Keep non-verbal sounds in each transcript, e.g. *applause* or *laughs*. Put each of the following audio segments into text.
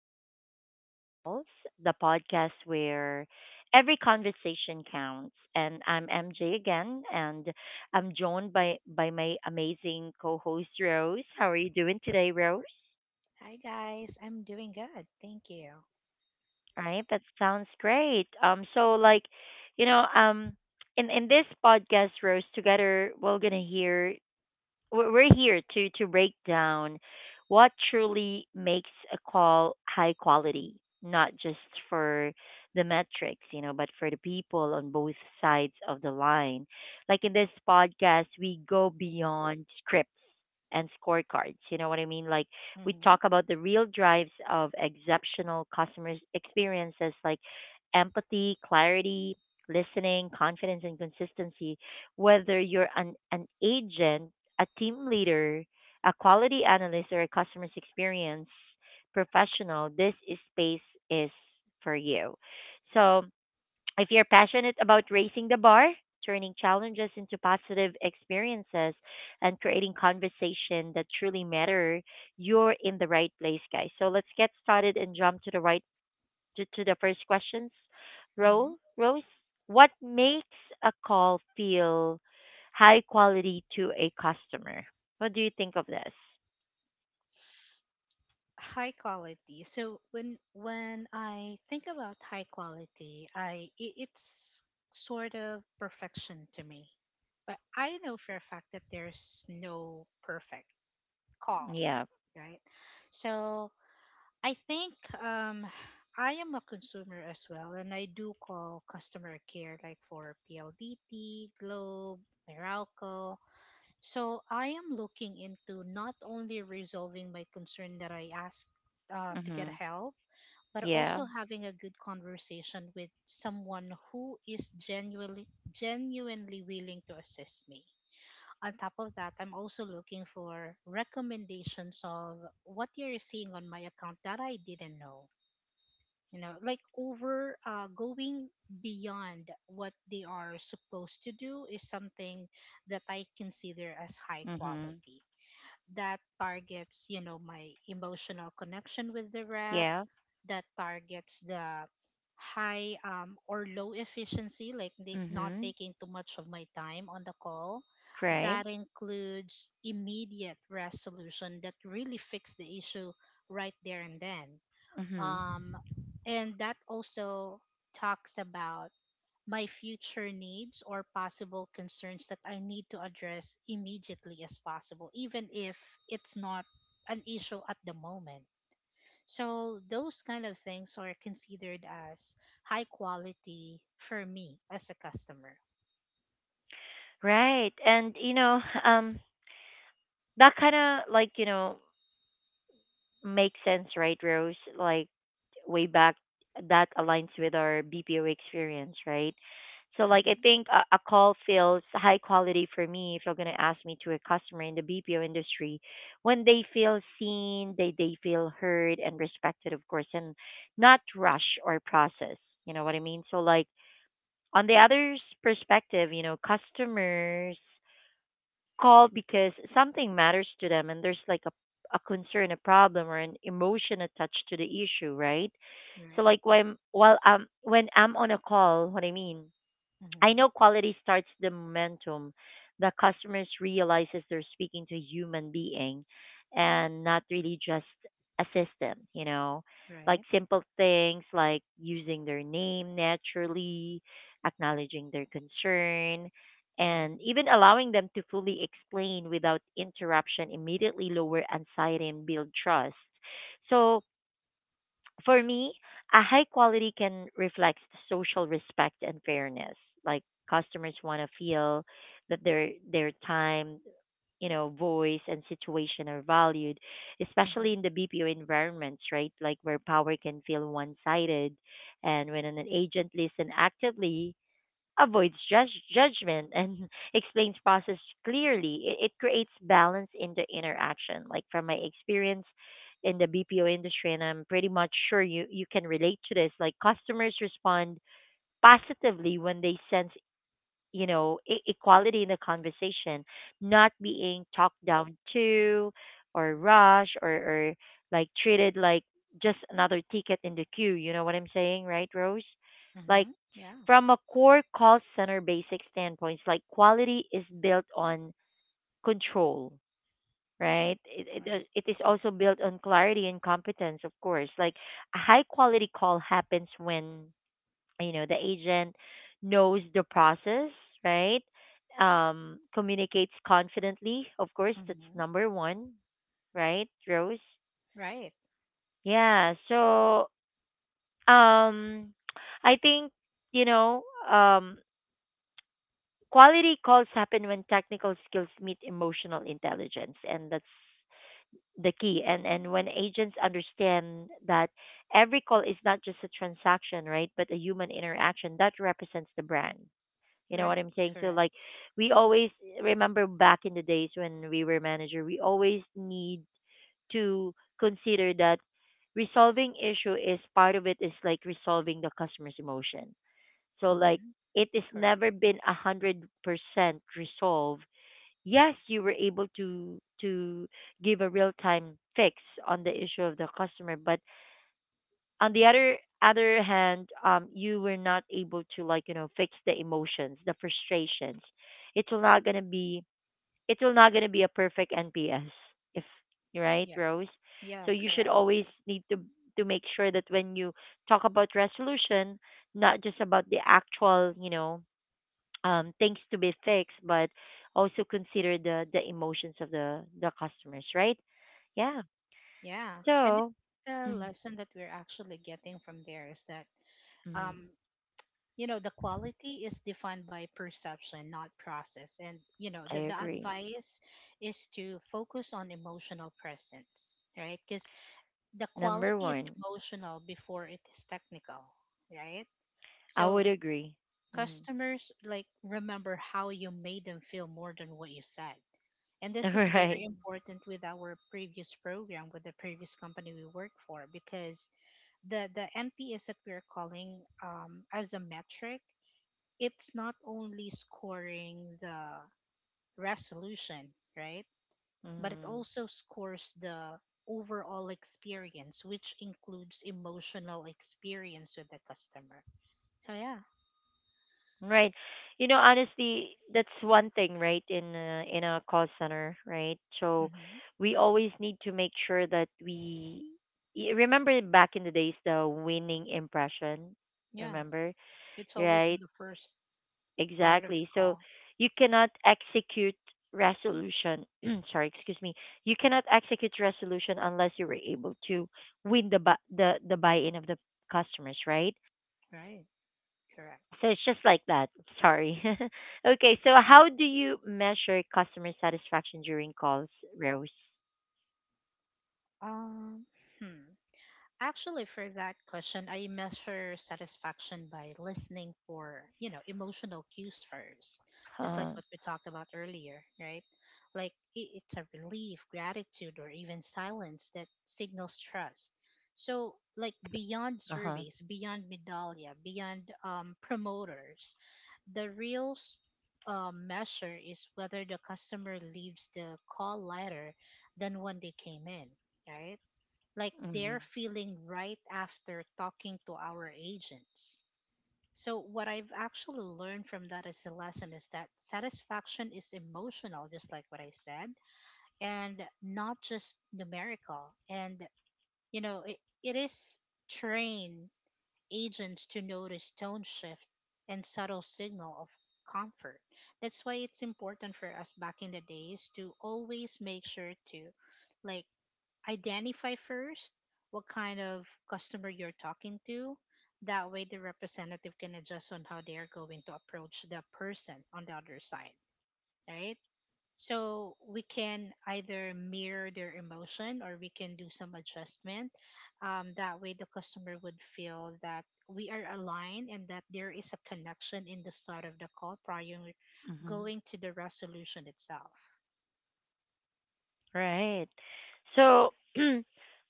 to Quality Calls, the podcast where every conversation counts. And I'm MJ again, and I'm joined by, my amazing co host, Rose. How are you doing today, Rose? Hi guys, I'm doing good. Thank you. All right, that sounds great. You know, um, in this podcast, Rose, together we're gonna hear we're here to break down what truly makes a call high quality, not just for the metrics, you know, but for the people on both sides of the line. Like in this podcast, we go beyond scripts and scorecards. You know what I mean? Like we hmm talk about the real drives of exceptional customer experiences like empathy, clarity, listening, confidence and consistency whether you're an agent a team leader, a quality analyst, or a customer experience professional, space is for you. So, if you're passionate about raising the bar, turning challenges into positive experiences, and creating conversation that truly matter, you're in the right place, guys. So, let's get started and jump to the right to the first questions. hmm Ro, Rose, what makes a call feel high quality to a customer? What do you think of this? High quality. So when I think about high quality, it's sort of perfection to me. But I know for a fact that there's no perfect call, Yeah. right? So I think um I am a consumer as well, and I do call customer care like for PLDT, Globe, Meralco. So I am looking into not only resolving my concern that I asked to get Mhm. help, but Yeah. also having a good conversation with someone who is genuinely willing to assist me. On top of that, I'm also looking for recommendations of what you're seeing on my account that I didn't know. You know, like over going beyond what they are supposed to do is something that I consider as high Mhm. quality that targets my emotional connection with the rep, Yeah. that targets the high or low efficiency, like not Mhm. taking too much of my time on the call, Right. that includes immediate resolution that really fix the issue right there and then, Mhm. um, and that also talks about my future needs or possible concerns that I need to address immediately as possible, even if it's not an issue at the moment. So, those kind of things are considered as high quality for me as a customer. Right. And you know, that kind of like, you know, makes sense, right, Rose? Like way back that aligns with our BPO experience, right? So like I hmm think a call feels high quality for me if you're gonna ask me to a customer in the BPO industry when they feel seen, they feel heard and respected, of course, and not rush or process. You know what I mean? So like on the other's perspective, you know, customers call because something matters to them and there's like a concern, a problem, or an emotion attached to the issue, right? So Right. like when I'm on a call, what I mean I hmm know quality starts the momentum. The customers realizes they're speaking to a human being and not really just a system, you know. Like Right. simple things like using their name naturally, acknowledging their concern, and hmm even allowing them to fully explain without interruption immediately lower anxiety and build trust. So for me, a high quality can reflect social respect and fairness. Like customers want to feel that their time, you know, voice and situation are valued, hmm especially in the BPO environments, right? Like where power can feel one sided, and when an agent listens actively avoids judgment and *laughs* explains process clearly. It creates balance in the interaction. Like from my experience in the BPO industry, and I'm pretty much sure you can relate to this. Like customers respond positively when they sense you know equality in the conversation, not being talked down to, or rushed, or like treated like just another ticket in the queue. You know what I'm saying, right, Rose? Like Yeah. from a core call center basic standpoint, like quality is built on control, right? It, it, Right. uh, it is also built on clarity and competence, of course. Like a high quality call happens when, you know, the agent knows the process, right? Communicates confidently, of course, that's hmm number one, right, Rose? Right. Yeah, so um, I think, you know, um, quality calls happen when technical skills meet emotional intelligence, and that's the key. And when agents understand that every call is not just a transaction, right, but a human interaction that represents the brand. You know what Right. I'm saying? So Correct. like, we always remember back in the days when we were manager, we always need to consider that resolving issue is part of it is like resolving the customer's emotion so like hmm it is Correct. never been 100% resolved. Yes, you were able to give a real time fix on the issue of the customer, but on the other hand, you were not able to like you know fix the emotions, the frustrations. It's not gonna be it's not gonna be a perfect NPS if right, Yeah. Rose. Yeah. So you should Correct. always need to make sure that when you talk about resolution, not just about the actual, you know, things to be fixed, but also consider the emotions of the customers, right? Yeah. Yeah. And So, the mm, lesson that we're actually getting from there is that, mm, um, you know, the quality is defined by perception, not process. And, you know, I the agree. advice is to focus on emotional presence, right? Because the Number quality is one, emotional before it is technical, right? I So would agree. Mm. customers like remember how you made them feel more than what you said. And this *laughs* is Right. very important with our previous program with the previous company we work for because the NPS that we're calling as a metric, it's not only scoring the resolution, right? But it Mm. also scores the overall experience, which includes emotional experience with the customer. So yeah, Right. You know, honestly, that's one thing, right? In in a call center, right? So, hmm we always need to make sure that we remember back in the days the winning impression. yeah, Remember, it's always right? in the first part of the Exactly. So call, you cannot execute resolution. *clears throat* Sorry, excuse me. You cannot execute resolution unless you were able to win the buy-in of the customers, right? right? Correct. So it's just like that. Sorry. *laughs* Okay. So Mm. how do you measure customer satisfaction during calls, Rose? Um, hmm. Actually, for that question, I measure satisfaction by listening for, you know, emotional cues first, Uh just like huh. what we talked about earlier, right? Like it's a relief, gratitude, or even silence that signals trust. So, like beyond Uh-huh. surveys, beyond medallia, beyond promoters, the measure is whether the customer leaves the call lighter than when they came in, right? Like Mm-hmm. they're feeling right after talking to our agents. So, what I've actually learned from that as a lesson is that satisfaction is emotional, just like what I said, and not just numerical. And, you know, it is train agents to notice tone shift and subtle signal of comfort. That's why it's important for us back in the days to always make sure to like identify first what kind of customer you're talking to. That way, the representative can adjust on how they're going to approach the person on the other side, right? So we can either mirror their emotion or we can do some adjustment. That way, the customer would feel that we are aligned and that there is a connection in the start of the call prior Mm-hmm. going to the resolution itself. Right. So *clears throat*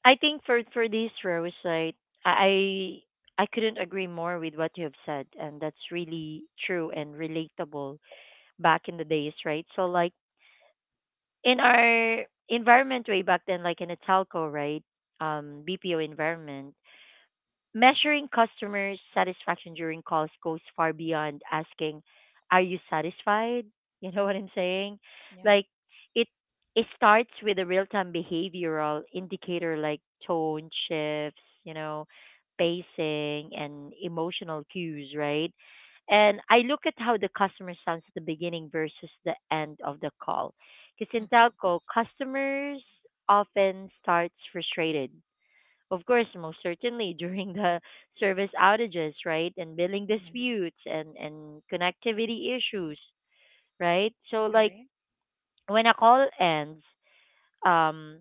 I think for this Rose, like I I couldn't agree more with what you have said, and that's really true and relatable back in the days, right? So like in our environment way back then, like in a telco, right? BPO environment. Measuring customer satisfaction during calls goes far beyond asking, are you satisfied? *laughs* You know what I'm saying? Yeah. Like, it, it starts with a real time behavioral indicator like tone shifts, you know, pacing, and emotional cues, right? And I look at how the customer sounds at the beginning versus the end of the call. Because in hmm telco, customers often starts frustrated of course, most certainly during the *laughs* service outages, right? And billing disputes and, connectivity issues, right? So, like, Right. when a call ends, um,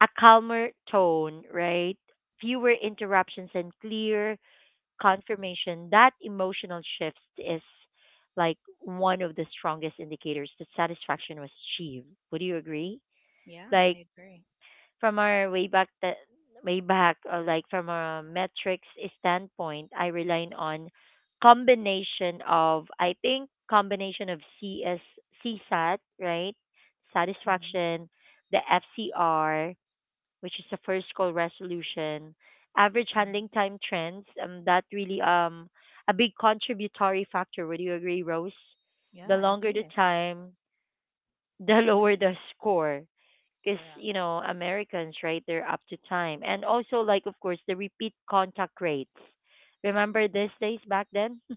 a calmer tone, right? Fewer interruptions and clear confirmation that emotional shift is like one of the strongest indicators that satisfaction was achieved. Would you agree? Yeah, I Like, agree. from our way back like from a metrics standpoint I rely on combination of cs csat right Mhm, satisfaction the fcr which is the first call resolution average mhm. handling time trends that really a big contributory factor would you agree Rose the Yeah, it longer the is. time *laughs* the lower the score because you Correct. know Americans, right? They're up to time, and also like of course the repeat contact rates. Remember these days back then? *laughs*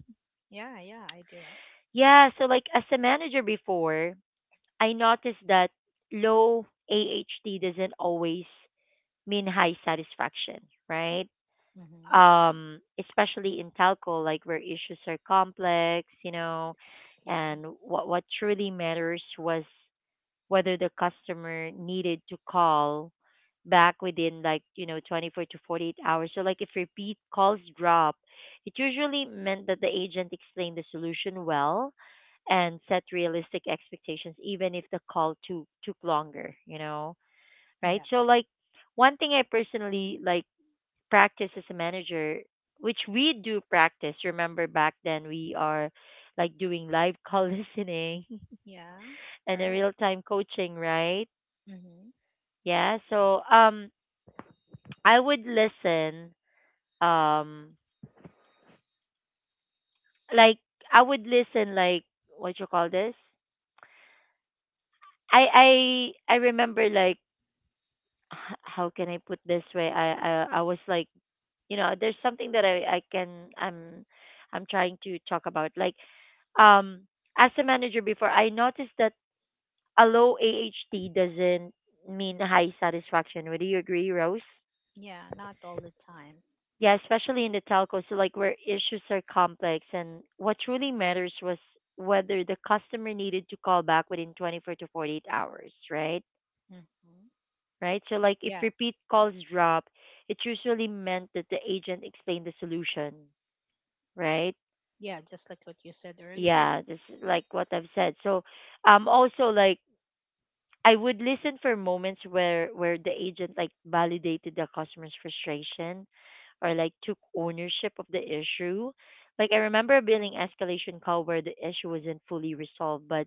Yeah, yeah, I do. Yeah, so like as a manager before, I noticed that low AHT doesn't always mean high satisfaction, right? Mm-hmm. Especially in telco, like where issues are complex, you know, Yeah, and what truly matters was whether the customer needed to call back within like you know 24 to 48 hours so like if repeat calls drop it usually meant that the agent explained the solution well and set realistic expectations even if the call took longer you know right yeah, so like one thing I personally like practice as a manager which we do practice remember back then we are like doing live call *laughs* listening yeah. and a Correct. real time coaching right Mm-hmm. yeah, so I would listen um like I would listen like what you call this? I remember like *sighs* how can I put this way? I was like, you know, there's something that I can I'm trying to talk about like um as a manager before I noticed that a low AHT doesn't mean high satisfaction. Would you agree, Rose? Yeah, not all the time. Yeah, especially in the telcos, so like where issues are complex and what truly matters was whether the customer needed to call back within 24 to 48 hours, right? Mm-hmm. Right? So like if Yeah, repeat calls drop, it usually meant that the agent explained the solution, right? yeah, just like what you said earlier. Yeah, this is like what I've said. So also like I would listen for moments where the agent like validated the customer's frustration or like took ownership of the issue. Like I remember a billing escalation call where the issue wasn't fully resolved, but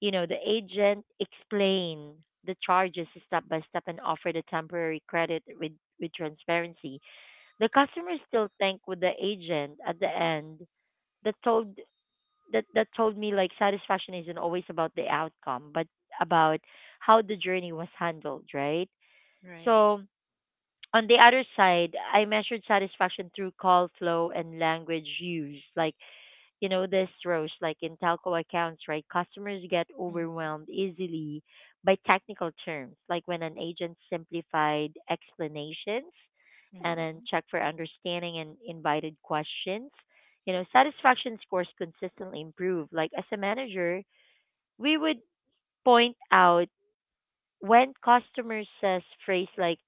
you know, the agent explained the charges step by step and offered a temporary credit with transparency. The customer still thanked with the agent at the end that told that told me like satisfaction isn't always about the outcome but about how the journey was handled right Right. so on the other side I measured satisfaction through call flow and language use like you know this Rose like in telco accounts right customers get Mm-hmm. overwhelmed easily by technical terms like when an agent simplified explanations and Mm-hmm. then check for understanding and invited questions you know satisfaction scores consistently improve like as a manager we would point out when customer says phrase like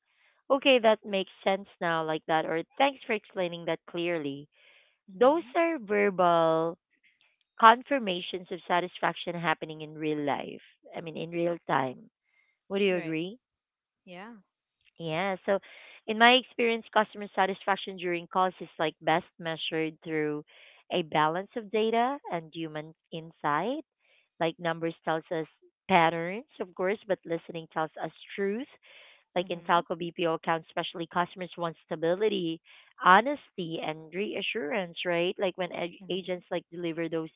okay that makes sense now like that or thanks for explaining that clearly those Mm-hmm. are verbal confirmations of satisfaction happening in real life. I mean, in real time. Would you Right. agree? Yeah. Yeah. In my experience, customer satisfaction during calls is like best measured through a balance of data and human insight. Like numbers tells us patterns, of course, but listening tells us truth. Like in Mm-hmm. Telco BPO accounts, especially customers want stability, honesty, and reassurance, right? Like when Mm-hmm. agents like deliver those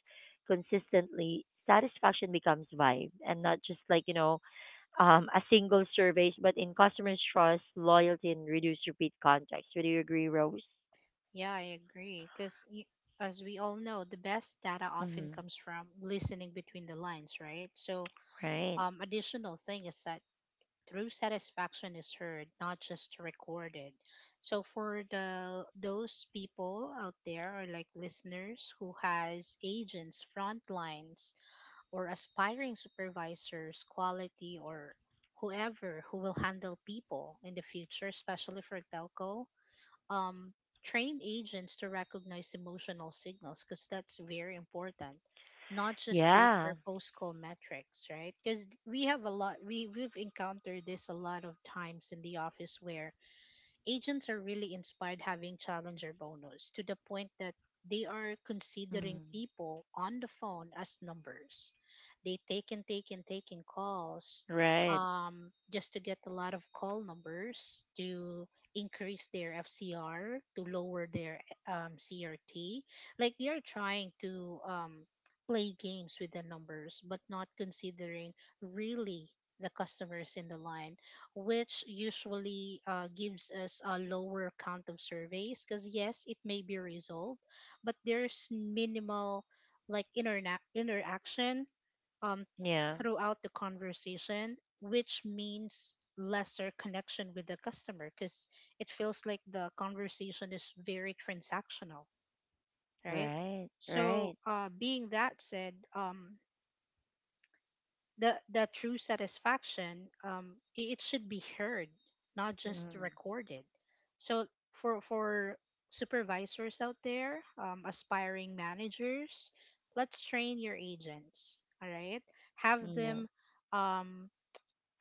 consistently, satisfaction becomes vibe and not just a single surveys, but in customers' trust, loyalty, and reduce repeat contacts. Would you agree, Rose? Yeah, I agree. Because as we all know, the best data often Mm-hmm. comes from listening between the lines, right? So, Right. Additional thing is that true satisfaction is heard, not just recorded. So for the those people out there or like listeners who has agents, front lines, or aspiring supervisors, quality, or whoever who will handle people in the future, especially for telco, um, train agents to recognize emotional signals because that's very important, not just wait for Yeah. post call metrics, right? Because we have a lot, we've encountered this a lot of times in the office where agents are really inspired having challenger bonus to the point that they are considering Mm. people on the phone as numbers. They take and take and taking calls Right. Just to get a lot of call numbers to increase their FCR, to lower their CRT. Like they are trying to play games with the numbers, but not considering really the customers in the line, which usually gives us a lower count of surveys, because yes it may be resolved but there's minimal like interaction um, Yeah. throughout the conversation, which means lesser connection with the customer because it feels like the conversation is very transactional, right? Right. So Right. Being that said, the true satisfaction it should be heard, not just Mm. recorded. So for supervisors out there, aspiring managers, let's train your agents, all right? Have No. them um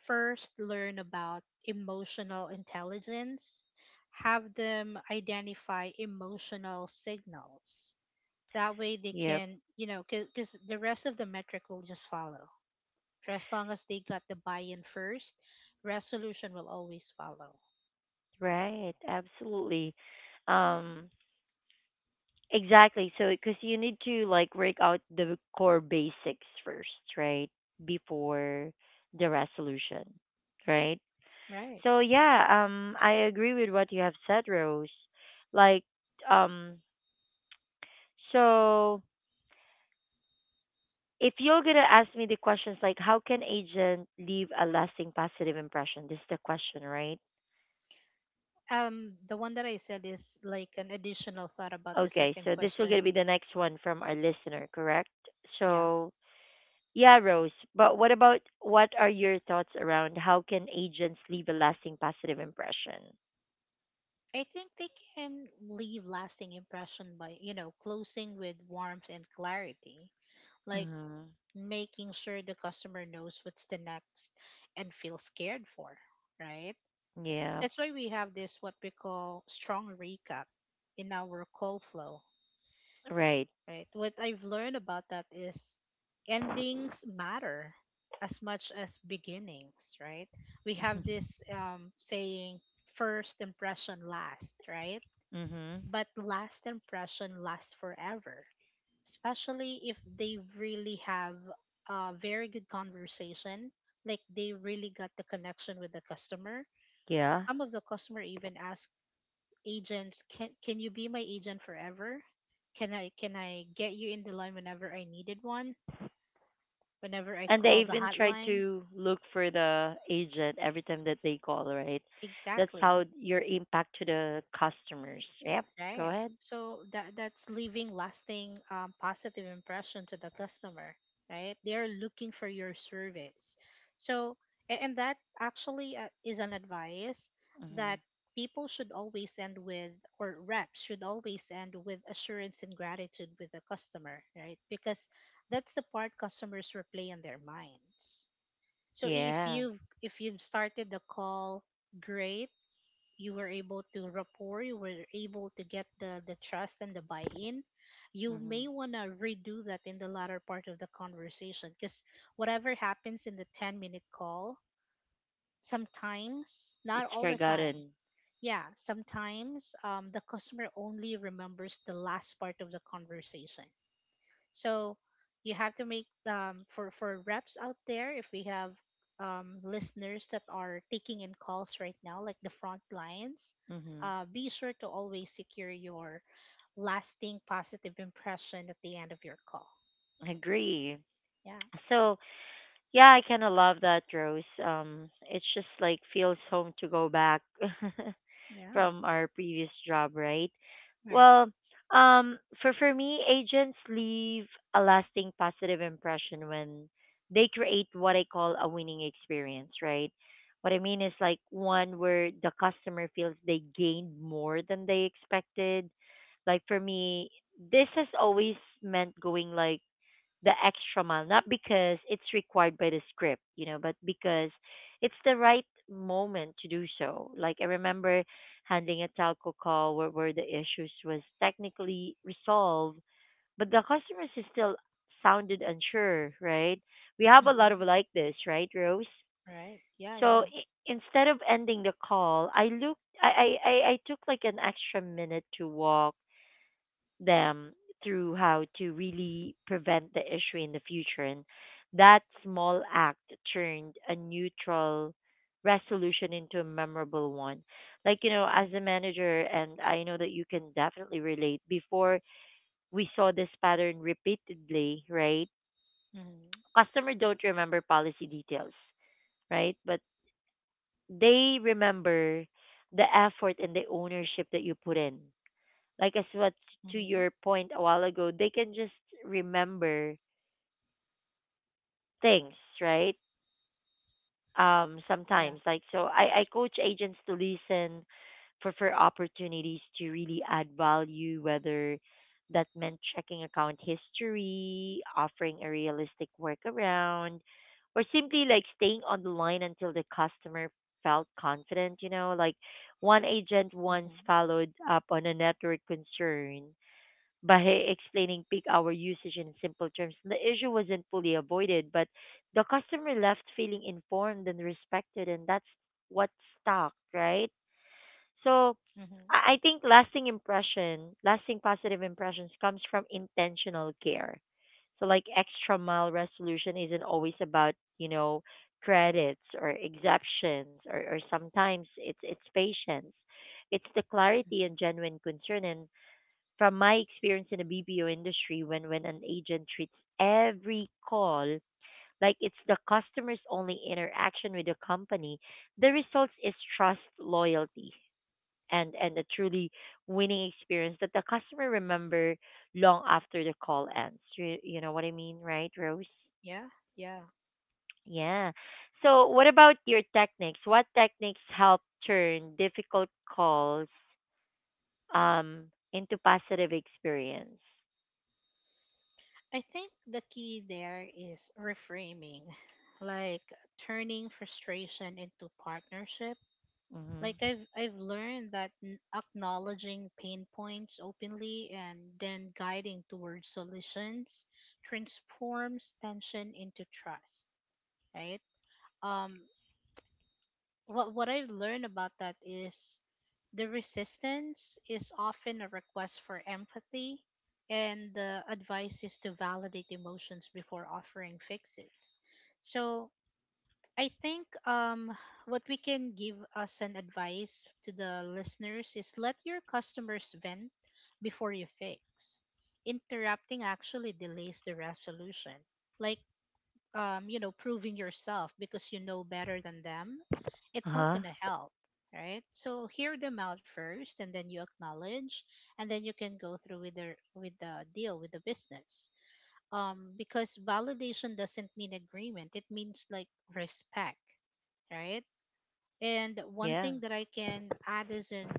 first learn about emotional intelligence, have them identify emotional signals. That way they Yeah. Yep. can, you know, because the rest of the metric will just follow. For as long as they got the buy-in first, resolution will always follow. Right, absolutely. Um, exactly. So, because you need to like work out the core basics first, right? Before the resolution, right? Right. So, yeah, I agree with what you have said, Rose. Like, um, so if you're gonna ask me the questions like, how can agent leave a lasting positive impression? This is the question, right? The one that I said is like an additional thought about the Okay, second so this will gonna question. be the next one from our listener, correct? Yeah. So yeah, Rose. But what about what are your thoughts around how can agents leave a lasting positive impression? I think they can leave lasting impression by, you know, closing with warmth and clarity. Like Mm-hmm. making sure the customer knows what's the next and feels cared for, right? Yeah, That's why we have this what we call strong recap in our call flow, right. right? What I've learned about that is endings matter as much as beginnings, right? We have *laughs* this saying, first impression last, right? Mm-hmm. But last impression lasts forever, especially if they really have a very good conversation, like they really got the connection with the customer. Yeah. Some of the customer even ask agents, can you be my agent forever, can I get you in the line whenever I needed one, whenever I And they call the even try hotline? to look for the agent every time that they call, right? That's how Exactly. your impact to the customers. Yep. Go Right. ahead. So that that's leaving lasting positive impression to the customer, right? They're looking for your service. So and that actually is an advice Mm-hmm. that people should always end with, or reps should always end with assurance and gratitude with the customer, right? Because that's the part customers replay in their minds. So if Yeah. you've if you've started the call great, you were able to rapport, you were able to get the trust and the buy-in, you Mm-hmm. may want to redo that in the latter part of the conversation, because whatever happens in the 10-minute call, sometimes not It's all the time, forgotten. yeah, sometimes the customer only remembers the last part of the conversation. So you have to make for reps out there, if we have listeners that are taking in calls right now like the front lines, Mm-hmm. Be sure to always secure your lasting positive impression at the end of your call. Agree. Yeah. So yeah, I kind of love that, Rose. It's just like feels home to go back *laughs* Yeah. from our previous job, right? Right. Well, for me, agents leave a lasting positive impression when they create what I call a winning experience, right? What I mean is like one where the customer feels they gained more than they expected. Like for me, this has always meant going like the extra mile, not because it's required by the script, you know, but because it's the right moment to do so. Like I remember handling a telco call where the issues was technically resolved, but the customers is still sounded unsure, right? We have a Mhm. lot of like this, right, Rose? Right. Yeah, yeah. So instead of ending the call, I looked, I took like an extra minute to walk them through how to really prevent the issue in the future. And that small act turned a neutral resolution into a memorable one. Like, you know, as a Mhm. manager, and I know that you can definitely relate, before we saw this pattern repeatedly, right? Mhm. Customer don't remember policy details, right? But they remember the effort and the ownership that you put in like as what Mhm. to your point a while ago, they can just remember things, right? Yeah. Sometimes I coach agents to listen for opportunities to really add value, whether that meant checking account history, offering a realistic workaround, or simply like staying on the line until the customer felt confident, you know, like one Mhm. agent once followed up on a network concern by explaining peak hour usage in simple terms. The issue wasn't fully avoided, but the customer left feeling informed and respected, and that's what stuck, right? Mhm. So I think lasting impression, lasting positive impressions comes from intentional care. So like extra mile resolution isn't always about, you know, credits or exemptions or sometimes it's patience. It's the Mhm. clarity and genuine concern and from my experience in the BPO industry, when an agent treats every call like it's the customer's only interaction with the company, the results is trust, loyalty, and a truly winning experience that the customer remember long after the call ends. You know what I mean, right, Rose? Yeah. Yeah. Yeah. So, what about your techniques? What techniques help turn difficult calls um, into positive experience? I think the key there is reframing, *laughs* like turning frustration into partnership. Like Mm-hmm. I've learned that acknowledging pain points openly and then guiding towards solutions transforms tension into trust, right? Um what I've learned about that is the resistance is often a request for empathy, and the advice is to validate emotions before offering fixes. So I think what we can give us an advice to the listeners is let your customers vent before you fix. Interrupting actually delays the resolution. Like you know, proving yourself because you know better than them, it's not Uh-huh. going to help, right? So hear them out first, and then you acknowledge, and then you can go through with the deal with the business. Because validation doesn't mean agreement; it means like respect, right? And one Yeah. thing that I can add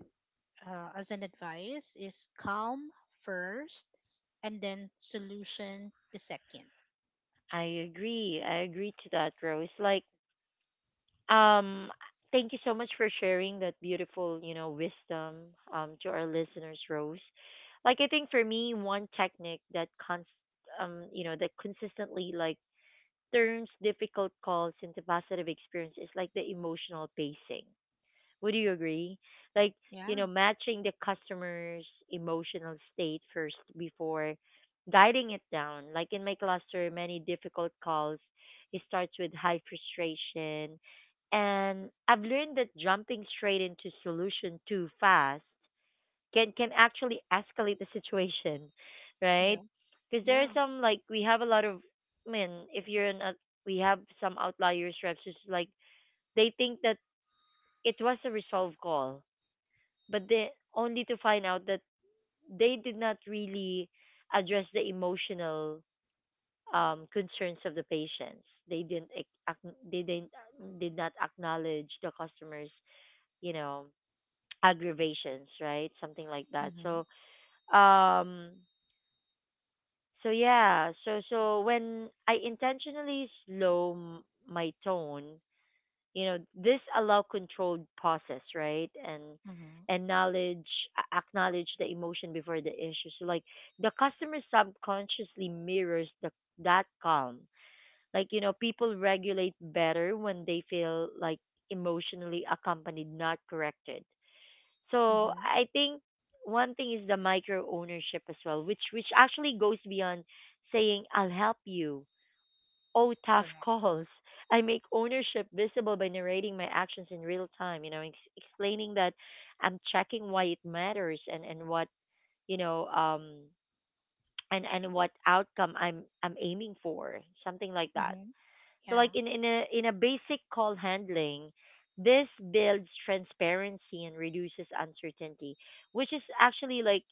as an advice is calm first, and then solution the second. I agree. I agree to that, Rose. Um, Thank you so much for sharing that beautiful, you know, wisdom to our listeners, Rose. Like I think for me, one technique that cons you know, that consistently like turns difficult calls into positive experience is like the emotional pacing. Would you agree? Like, you Yeah, know, matching the customer's emotional state first before guiding it down. Like in my cluster, many difficult calls, it starts with high frustration. And I've learned that jumping straight into solution too fast can actually escalate the *laughs* situation, right? yeah, Because there are yeah. some like we have a lot of I mean, if you're an we have some outliers reps who's like they think that it was a resolved call but they only to find out that they did not really address the emotional concerns of the patients. They did not acknowledge the customers, you know, aggravations, right? Something like that. Mm-hmm. Um, so when I intentionally slow my tone, you know, this allow controlled pauses, right? and Mhm. and knowledge a- acknowledge the emotion before the issue. So like the customer subconsciously mirrors the that calm, like you know, people regulate better when they feel like emotionally accompanied not corrected. So Mhm. I think one thing is the micro ownership as well, which actually goes beyond saying I'll help you oh tough Correct. calls. I make ownership visible by narrating my actions in real time, you know, explaining that I'm checking why it matters and what, you know, and what outcome I'm aiming for, something like that. Mhm. So Yeah. like in a basic call handling, this builds transparency and reduces uncertainty, which is actually like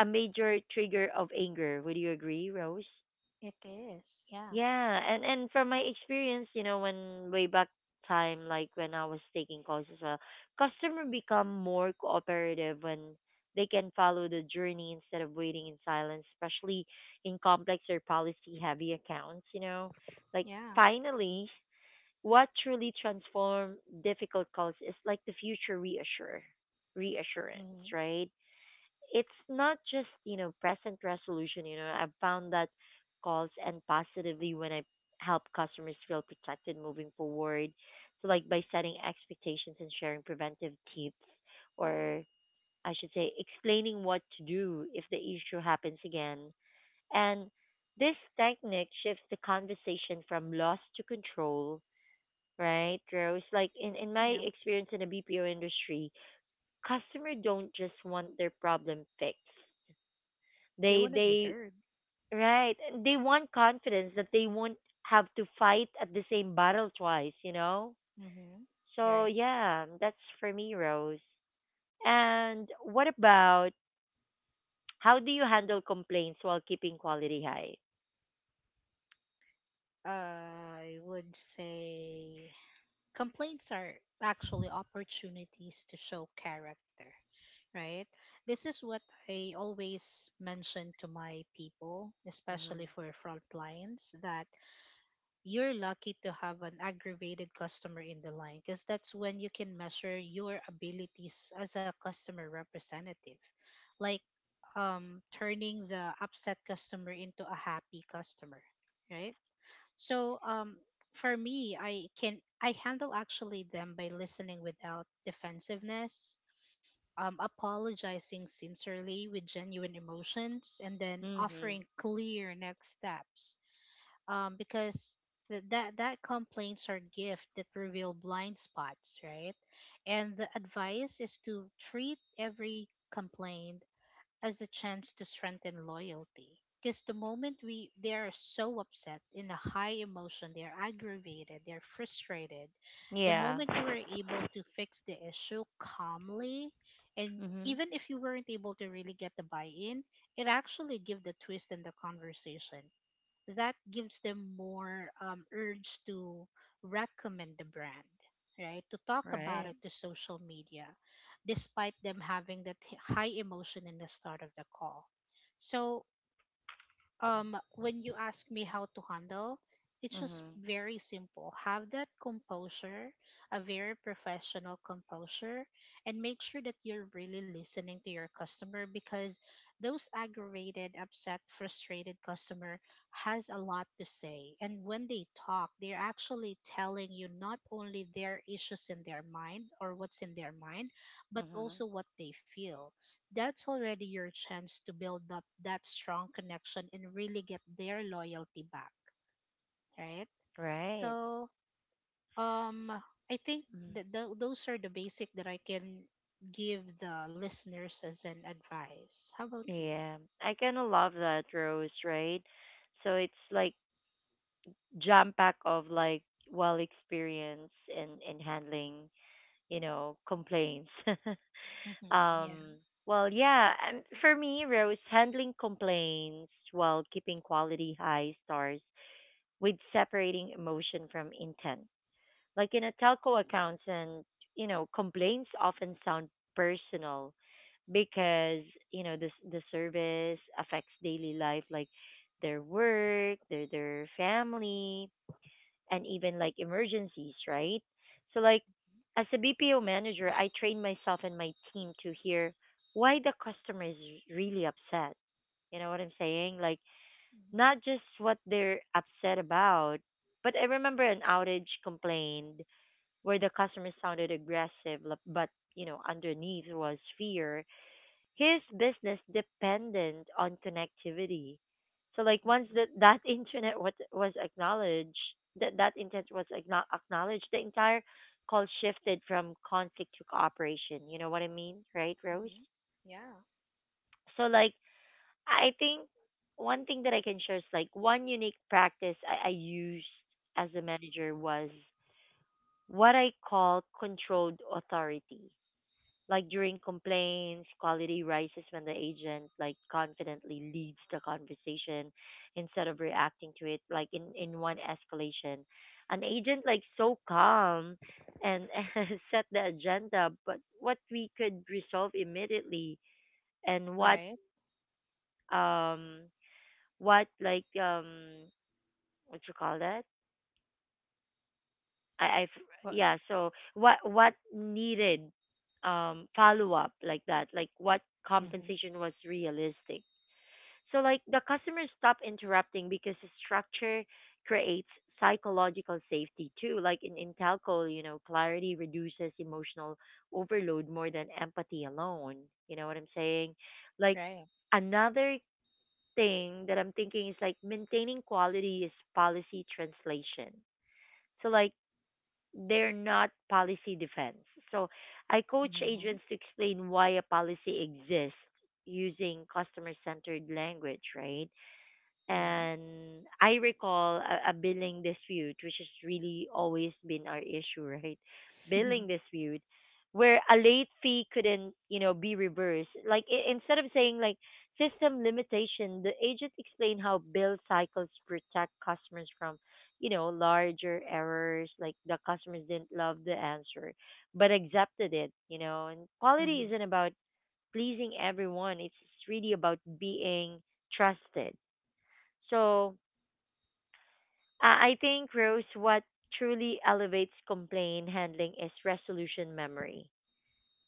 a major trigger of anger. Would you agree, Rose? It is. Yeah. Yeah, and from my experience, you know, when way back time, like when I was taking calls as well, customer become more cooperative when they can follow the journey instead of waiting in silence, especially in complex or policy heavy accounts, you know. Like Yeah. finally, what truly transform difficult calls is like the future reassure reassurance, Mhm. right? It's not just, you know, present resolution. You know, I've found that calls end positively when I help customers feel protected moving forward. So like by setting expectations and sharing preventive tips, or I should say explaining what to do if the issue happens again. And this technique shifts the conversation from loss to control, right, Rose? Like in my Yeah. experience in the BPO industry, customer don't just want their problem fixed. You they want to be they heard. right. They want confidence that they won't have to fight at the same battle twice, you know? Mhm. So Right. yeah, that's for me, Rose. And what about how do you handle complaints while keeping quality high? I would say complaints are actually opportunities to show character, right? This is what I always mention to my people, Mhm. especially for front lines, that you're lucky to have an aggravated customer in the line because that's when you can measure your abilities as a customer representative, like turning the upset customer into a happy customer, right? So for me I can, I handle actually them by listening without defensiveness, apologizing sincerely with genuine emotions and then Mhm. offering clear next steps, because that complaints are gift that reveal blind spots, right? And the advice is to treat every complaint as a chance to strengthen loyalty. Because the moment we they are so upset in a high emotion, they are aggravated, they're frustrated. The Yeah. moment you were able to fix the issue calmly, and Mhm. even if you weren't able to really get the buy-in, it actually give the twist in the conversation that gives them more urge to recommend the brand, right? To talk about Right. it to social media despite them having that high emotion in the start of the call. So, when you ask me how to handle, it's just Mhm. very simple. Have that composure, a very professional composure, and make sure that you're really listening to your customer, because those aggravated, upset, frustrated customer has a lot to say. And when they talk, they're actually telling you not only their issues in their mind or what's in their mind, but Mhm. also what they feel. That's already your chance to build up that strong connection and really get their loyalty back, right? Right. So, um, I think Mhm. that those are the basic that I can give the listeners as an advice. How about you? Yeah. I kind of love that, Rose, right? So it's like jam pack of like well experience in handling, you know, complaints. *laughs* Mm-hmm, um yeah. Yeah, and for me, Rose, handling complaints while keeping quality high stars with separating emotion from intent. Like in a telco accounts and, you know, complaints often sound personal because, you know, this the service affects daily life, like their work, their family, and even like emergencies, right? So like as a BPO manager, I train myself and my team to hear why the customer is really upset. You know what I'm saying? Like Mm-hmm. not just what they're upset about, but I remember an outage complaint where the customer sounded aggressive, but you know underneath was fear, his business dependent on connectivity. So like once that Mm-hmm. *laughs* that internet was acknowledged, that intent was acknowledged, the entire call shifted from conflict to cooperation. You know what I mean, right, Rose? Mm-hmm. Yeah. So like I think one thing that I can share is like one unique practice I used as a manager was what I call controlled authority. Like during complaints, quality rises when the agent like confidently leads the conversation instead of reacting to it, like in one escalation. An agent like so calm and *laughs* set the agenda, but what we could resolve immediately and what Right. um what like um what you call that? I What? yeah, so what needed follow up, like that, like what Mm-hmm. compensation was realistic. So like the customers stop interrupting because the structure creates psychological safety too. Like in telco, you know, clarity reduces emotional overload more than empathy alone. You know what I'm saying? Like Right. another thing that I'm thinking is like maintaining quality is policy translation. So like they're not policy defense. So I coach Mm-hmm. agents to explain why a policy exists using customer centered language, right? Yeah. And I recall a billing dispute, which has really always been our issue, *laughs* right? Billing *laughs* dispute, where a late fee couldn't, you know, be reversed. Like I instead of saying like system limitation, the agent explained how bill cycles protect customers from, you know, larger errors. Like the customers didn't love the answer, but accepted it, you know. And quality mm-hmm. isn't about pleasing everyone. It's really about being trusted. So I think, Rose, what truly elevates complaint handling is resolution memory.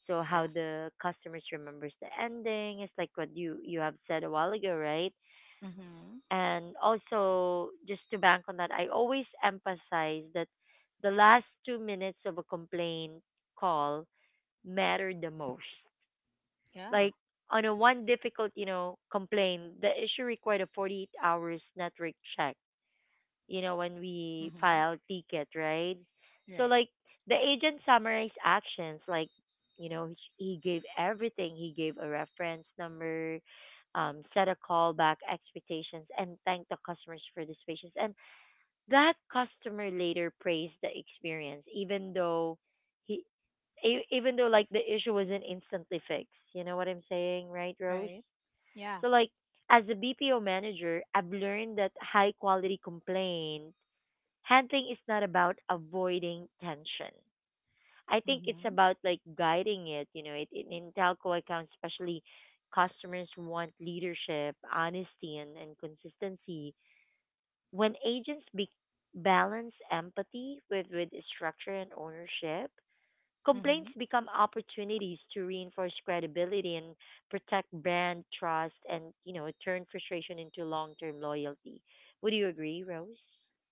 So how Yeah. the customers remembers the ending is like what you have said a while ago, right? Mm-hmm. And also just to bank on that, I always emphasize that the last 2 minutes of a complaint call matter the most. Yeah. Like on a one difficult, you know, complaint, the issue required a 48 hours network check when we Mm-hmm. file ticket, right? So Right. like the agent summarized actions, like you know, he gave everything. He gave a reference number, set a callback expectations, and thanked the customers for this patience. And that customer later praised the experience, even though he, even though like the issue wasn't instantly fixed. You know what I'm saying, right, Rose? Right. Yeah. So like as a BPO manager, I've learned that high quality complaint handling is not about avoiding tension. I think it's Mm-hmm. about like guiding it. You know, in telco accounts, especially customers want leadership, honesty, and consistency. When balance empathy with structure and ownership, complaints Mm-hmm. become opportunities to reinforce credibility and protect brand trust and, you know, turn frustration into long term loyalty. Would you agree, Rose?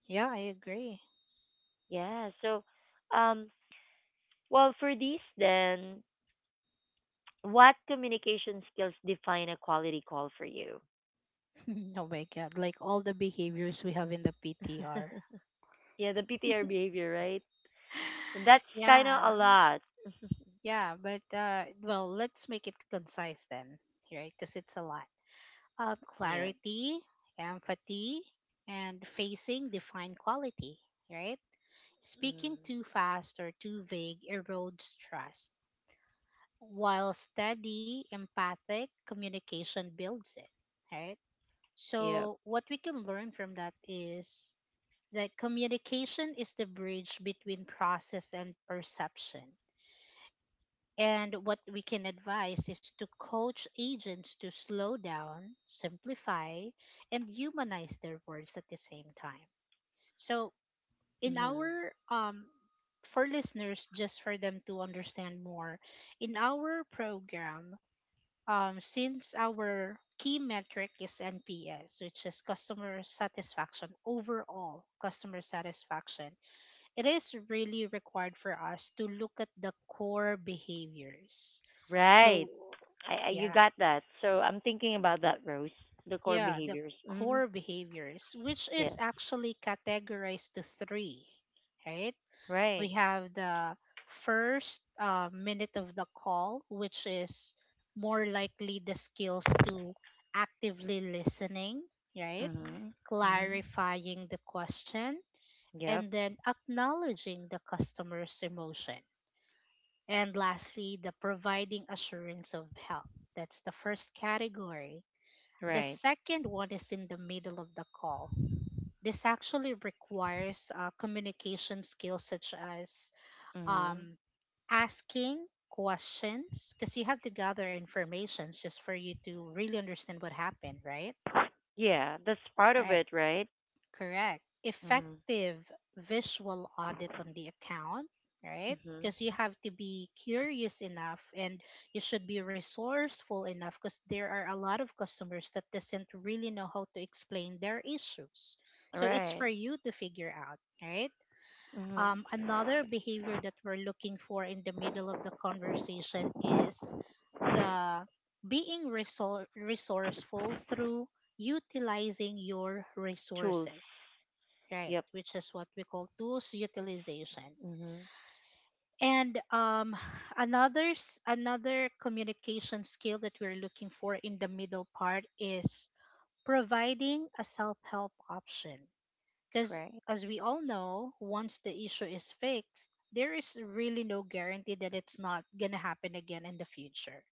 Yeah, I agree. Yeah. So, um, well, for these, then, what communication skills define a quality call for you? *laughs* oh my God. Like all the behaviors we have in the PTR. *laughs* yeah, the PTR behavior, right? *laughs* That's kind yeah. of a lot. Yeah. But, well, let's make it concise then, right? Because it's a lot. Yeah. Clarity, empathy, and facing defined quality, right? Speaking Mm. too fast or too vague erodes trust, while steady, empathic communication builds it, right? Yeah. So, what we can learn from that is, like, communication is the bridge between process and perception. And what we can advise is to coach agents to slow down, simplify, and humanize their words at the same time. So, in Hmm. our for listeners, just for them to understand more, in our program, since our key metric is NPS, which is customer satisfaction overall, customer satisfaction, it is really required for us to look at the core behaviors. Right. So, I you yeah, got that. So I'm thinking about that, Rose. The core yeah, the behaviors. Mm-hmm. core behaviors, which is Yeah. actually categorized to three, right? We Right. have the first minute of the call, which is more likely the skills to actively listening, right? Mm-hmm. Mm-hmm. Clarifying the question Yep. and then acknowledging the customer's emotion. And lastly, the providing assurance of health. That's the first category. The Right. second one is in the middle of the call. This actually requires communication skills such as Mm-hmm. um, asking questions, because you have to gather information just for you to really understand what happened, right? Yeah. That's part of Right. it, right? Correct. Mm-hmm. Effective visual audit on the account, right? Mm-hmm. Because you have to be curious enough and you should be resourceful enough, because there are a lot of customers that doesn't really know how to explain their issues. So it's Right. for you to figure out, right? Mm-hmm. Another behavior that we're looking for in the middle of the conversation is the being resourceful through utilizing your Tools. resources, right? Yep. Which is what we call tools utilization. Mhm. And another another communication skill that we're looking for in the middle part is providing a self help option. Because Pray. as we all know, once the issue is fixed, there is really no guarantee that it's not gonna happen again in the future.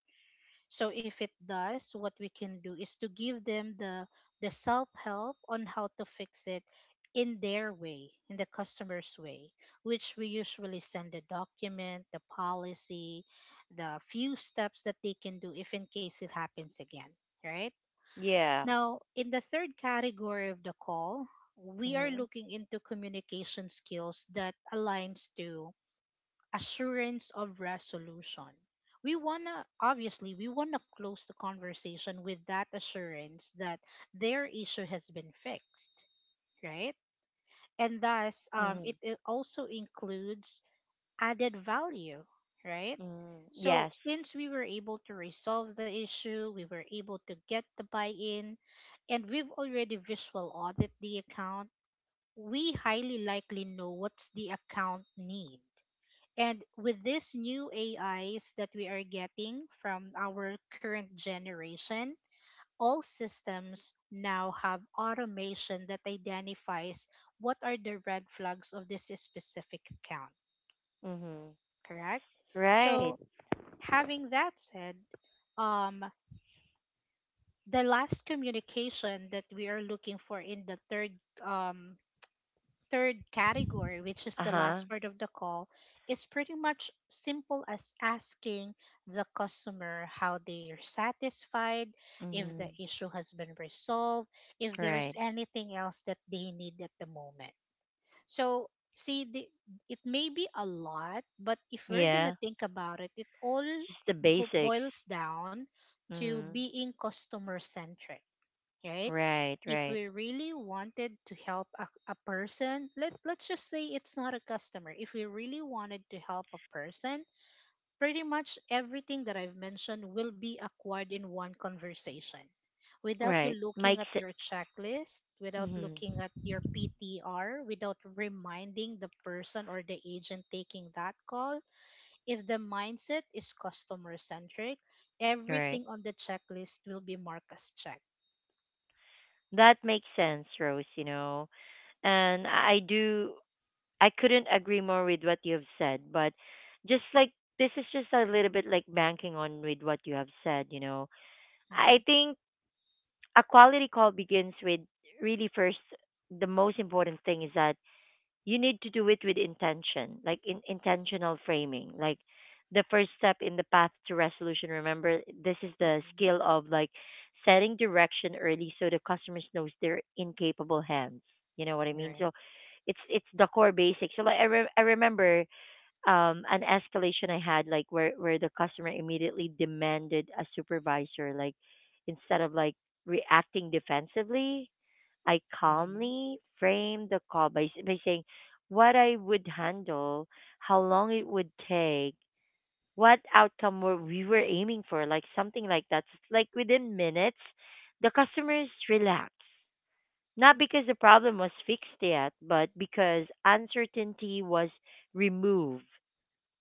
So if it does, what we can do is to give them the self-help on how to fix it in their way, in the customer's way, which we usually send the document, the policy, the few steps that they can do if in case it happens again, right? Yeah. Now, in the third category of the call, we are Mhm. looking into communication skills that aligns to assurance of resolution. We want to, obviously, we want to close the conversation with that assurance that their issue has been fixed, right? And thus, Mhm. it also includes added value, right? Mhm. So, Yes. since we were able to resolve the issue, we were able to get the buy in, and we've already visual audit the account, we highly likely know what's the account need, and with these new AIs that we are getting from our current generation, all systems now have automation that identifies what are the red flags of this specific account, Mhm. correct? Right. So, having that said, um, the last communication that we are looking for in the third um, third category, which is the Uh-huh. last part of the call, is pretty much simple as asking the customer how they are satisfied, if the Mhm. issue has been resolved, if there's Right. anything else that they need at the moment. So, see, it may be a lot, but if we're going Yeah. to think about it, it all Just the basics. boils down to Mhm. being customer centric, right? Right, If right. we really wanted to help a person, let's just say it's not a customer. If we really wanted to help a person, pretty much everything that I've mentioned will be acquired in one conversation. Without you Right. looking Makes at it. your checklist, without Mhm. looking at your PTR, without reminding the person or the agent taking that call, if the mindset is customer centric, Right. everything on the checklist will be marked as check. That makes sense, Rose, you know. And I do. I couldn't agree more with what you have said, but just like this is just a little bit like banking on with what you have said, you know. I think a quality call begins with really first the most important thing is that you need to do it with intention like in intentional framing like the first step in the path to resolution, remember this is the Mhm. skill of like setting direction early so the customers knows they're in capable hands, you know what I mean. Right. So it's the core basics. So like I remember an escalation I had like where the customer immediately demanded a supervisor, like instead of like reacting defensively, I Mhm. calmly framed the call by saying what I would handle, how long it would take, what outcome were we were aiming for, like something like that. Like within minutes the customers relaxed, not because the problem was fixed yet but because uncertainty was removed.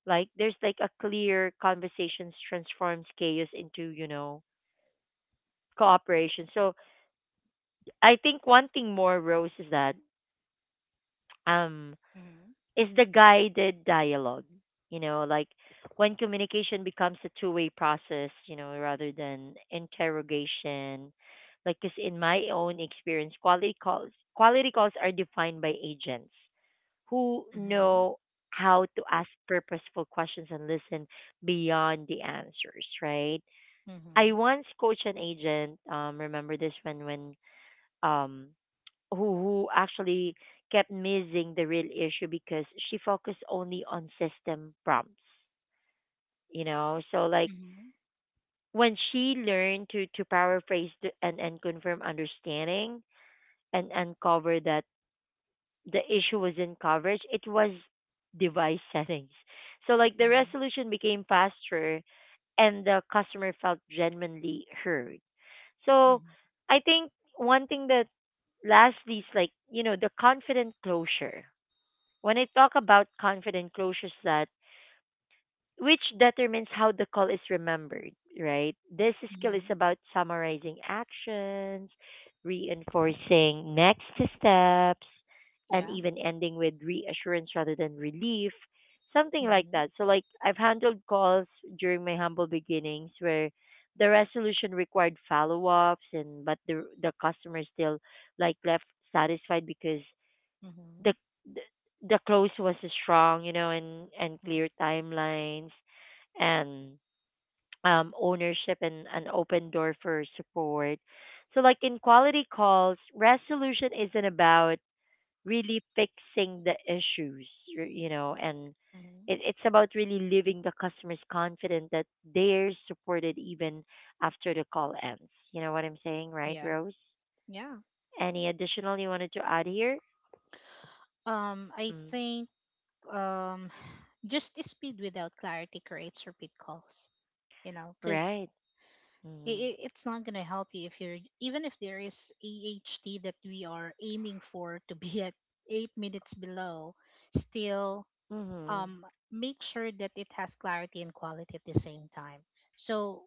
Like there's like a clear conversations transforms chaos into, you know, cooperation. So I think one thing more, Rose, is that um Mhm. is the guided dialogue. You know, like when communication becomes a two-way process, you know, rather than interrogation. Like, 'cause in my own experience, quality calls are defined by agents who Mhm. know how to ask purposeful questions and listen beyond the answers, right? I Mhm. once coached an agent. Remember this one when um who actually kept missing the real issue because she focused only on system prompts. You know, so like Mhm. when she learned to paraphrase the, and confirm understanding and uncover that the issue was in coverage, it was device *laughs* settings. So like the Mhm. resolution became faster and the customer felt genuinely heard. So Mhm. I think one thing that lastly is like, you know, the confident closure. When I talk about confident closures that which determines how the call is remembered, right? This skill is Mhm. about summarizing actions, reinforcing next steps, and Yeah. even ending with reassurance rather than relief, something like Mhm. that. So, like, I've handled calls during my humble beginnings where the resolution required follow ups, and but the customer still like left satisfied because Mhm. the the close was strong, you know, and Mhm. clear timelines and ownership and an open door for support. So like in quality calls, resolution isn't about really fixing the issues, you know, and Mhm. it, it's about really leaving the customers confident that they're supported even after the call ends. You know what I'm saying, right, Yeah. Rose? Yeah. Any additional you wanted to add here? I Mm, think um, *sighs* just speed without clarity creates repeat calls. You know, because right. Mm-hmm. it, it's not gonna help you if you're, even if there is AHT that we are aiming for to be at 8 minutes below, still Mhm. um, make sure that it has clarity and quality at the same time. So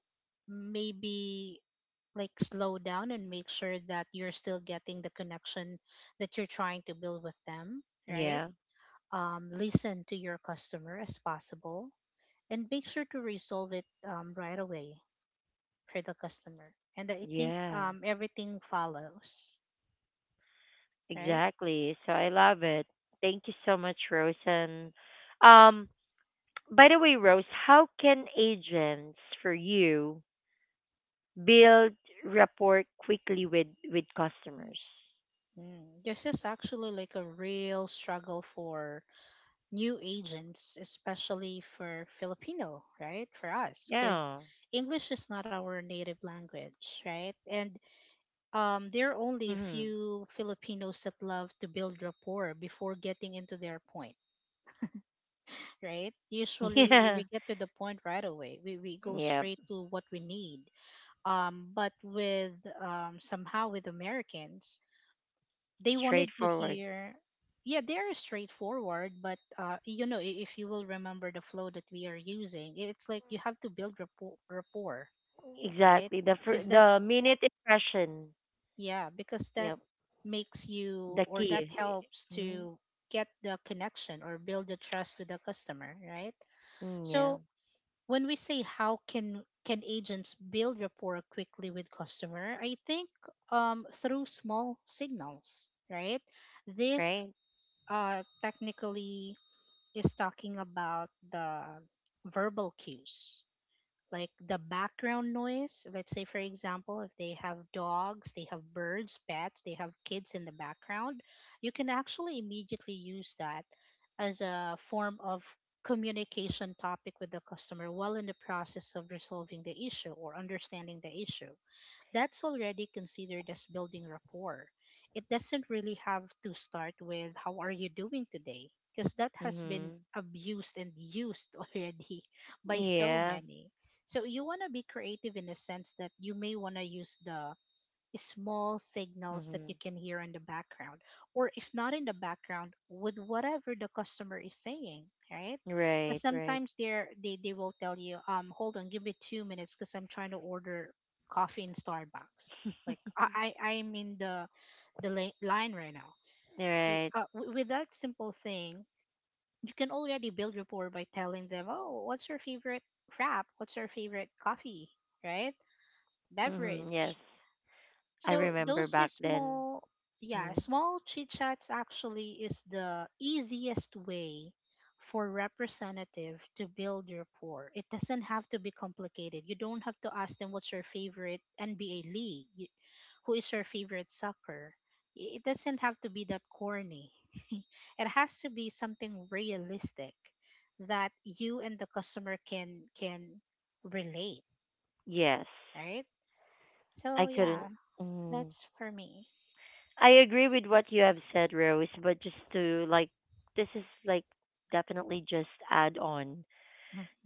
maybe, like, slow down and make sure that you're still getting the connection that you're trying to build with them, right? Yeah. Listen to your customer as possible and make sure to resolve it right away for the customer. And I think Yeah. Everything follows, right? Exactly. So I love it. Thank you so much, Rosen. Um, by the way, Rose, how can agents for you build rapport quickly with customers? Mm. This is actually like a real struggle for new agents, especially for Filipino, right? For us, because Yeah. English is not our native language, right? And there are only Mhm. few Filipinos that love to build rapport before getting into their point, right? *laughs* Usually Yeah. we get to the point right away. We go Yeah. straight to what we need. But with somehow with Americans, they wanted to Straightforward. hear, yeah, they're straightforward. But you know, if you will remember the flow that we are using, it's like you have to build rapport, rapport, right? Exactly. Because The that's, minute impression. yeah, because that Yep. makes you The or that key. helps Mm, to get the connection or build the trust with the customer, right? mm, yeah. So when we say how can agents build rapport quickly with customer, I think through small signals, right? This Right. Technically is talking about the verbal cues, like the background noise. Let's say, for example, if they have dogs, they have birds, pets, they have kids in the background, you can actually immediately use that as a form of communication topic with the customer while in the process of resolving the issue or understanding the issue. That's already considered as building rapport. It doesn't really have to start with, "How are you doing today?" Because that has been Mhm. abused and used *laughs* already by so Yeah. many. So you want to be creative in the sense that you may want to use the small signals that you Mhm. can hear in the background, or if not in the background, with whatever the customer is saying, right? Because Right, right, sometimes they're, they will tell you, hold on, give me 2 minutes because I'm trying to order coffee in Starbucks. Like I'm in the line right now. See, right. With that simple thing, you can already build rapport by telling them, "Oh, what's your favorite wrap? What's your favorite coffee?" Right? Mhm. Yes, Beverage. I So remember those back is then. small, yeah, Mm. small chit chats actually is the easiest way for representative to build rapport. It doesn't have to be complicated. You don't have to ask them what's your favorite NBA league, who is your favorite soccer. It doesn't have to be that corny. *laughs* it has to be something realistic that you and the customer can relate, Yes, right? So I couldn't. yeah, Mm. that's for me. I agree with what you have said, Rose. But just to like, this is like definitely just add on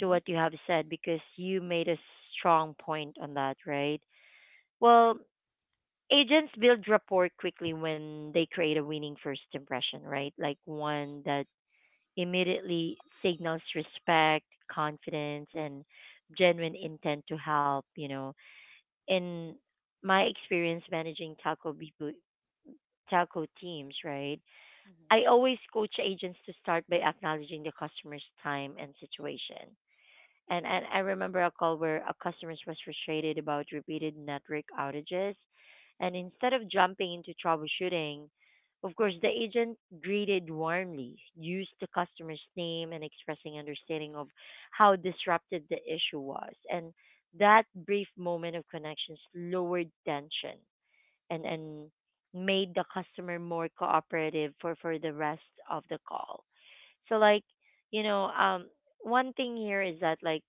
to what you have said because you made a strong point on that, right? Well, agents build rapport quickly when they create a winning first impression, right? Like one that immediately signals respect, confidence, and genuine intent to help. You know, in my experience managing telco people, taco teams, right? I Mhm. always coach agents to start by acknowledging the customer's time and situation. And I remember a call where a customer was frustrated about repeated network outages, and instead of jumping into troubleshooting, of course the agent greeted warmly, used the customer's name and expressing understanding of how disrupted the issue was. And that brief moment of connections lowered tension and made the customer more cooperative for the rest of the call. So like, you know, one thing here is that like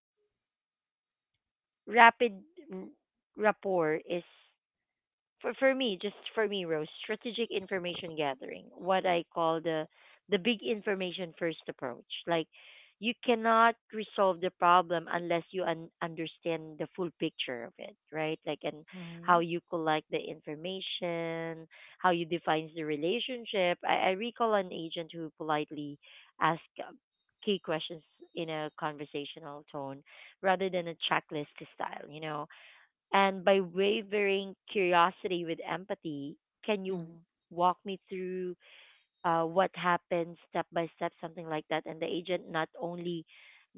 rapid r- rapport is for me, just for me, Rose, strategic information gathering, what I call the big information first approach. Like you cannot resolve the problem unless understand the full picture of it, right? Like and how Mhm. you collect the information, how you define the relationship. I recall an agent who politely asked key questions in a conversational tone rather than a checklist style, you know, and by wavering curiosity with empathy, can you Mhm. walk me through what happened step by step, something like that? And the agent not only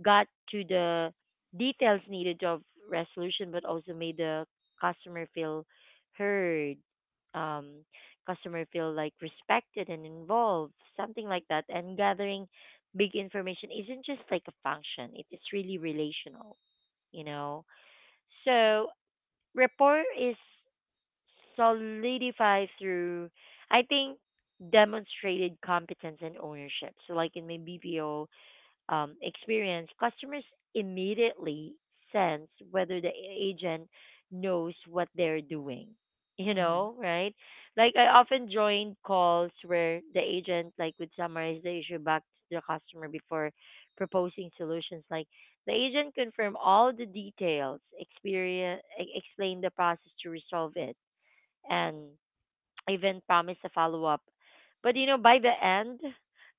got to the details needed of resolution, but also made the customer feel heard, um, customer feel like respected and involved, something like that. And gathering big information isn't just like a function; it is really relational, you know. So rapport is solidified through, I think, demonstrated competence and ownership. So, like in my BPO, experience, customers immediately sense whether the agent knows what they're doing. You Mhm. know, right? Like I often joined calls where the agent like would summarize the issue back to the customer before proposing solutions. Like the agent confirmed all the details, experience, explained the process to resolve it, and even promised a follow up. But you know, by the end,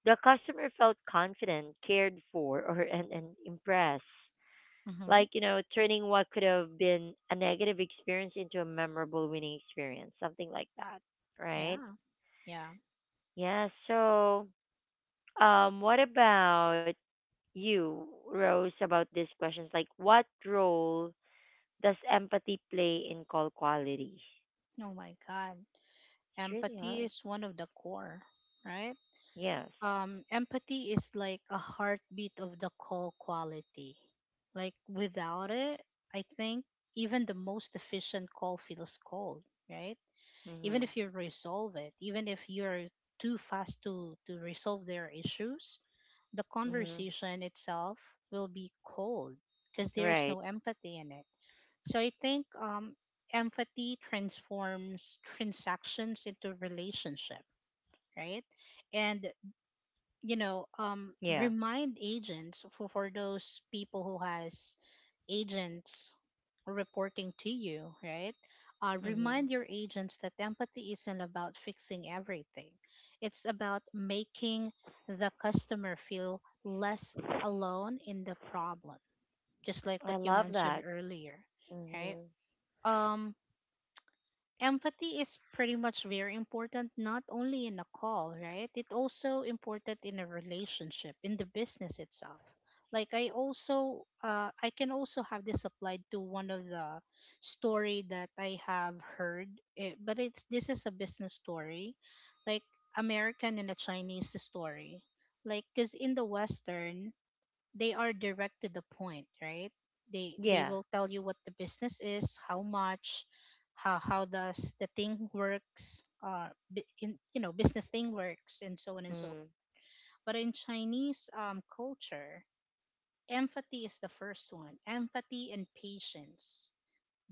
the customer felt confident, cared for, or and impressed. Mhm. Like, you know, turning what could have been a negative experience into a memorable winning experience, something like that, right? Yeah. Yeah. Yeah, so what about you, Rose, about these questions? Like what role does empathy play in call quality? It's Oh my God. really Empathy hard. is one of the core, right? Yes. Empathy is like a heartbeat of the call quality. Like without it, I think even the most efficient call feels cold, right? Even Mhm. if you resolve it, even if you're too fast to resolve their issues, the Mhm. conversation itself will be cold because there's Right. no empathy in it. So I think empathy transforms transactions into relationship, right? And, you know, Yeah. remind agents for those people who has agents reporting to you, right? Mhm. remind your agents that empathy isn't about fixing everything. It's about making the customer feel less alone in the problem, just like I what you love mentioned that. earlier, right? Mhm. Um, empathy is pretty much very important not only in a call, right? It also important in a relationship, in the business itself. Like I also, I can also have this applied to one of the story that I have heard. Eh, but it's, this is a business story, like American and a Chinese story. Like because in the Western, they are direct to the point, right? They Yeah. will tell you what the business is, how much, how does the thing works, in, you know, business thing works and so on and Mm. so. But in Chinese culture, empathy is the first one, empathy and patience.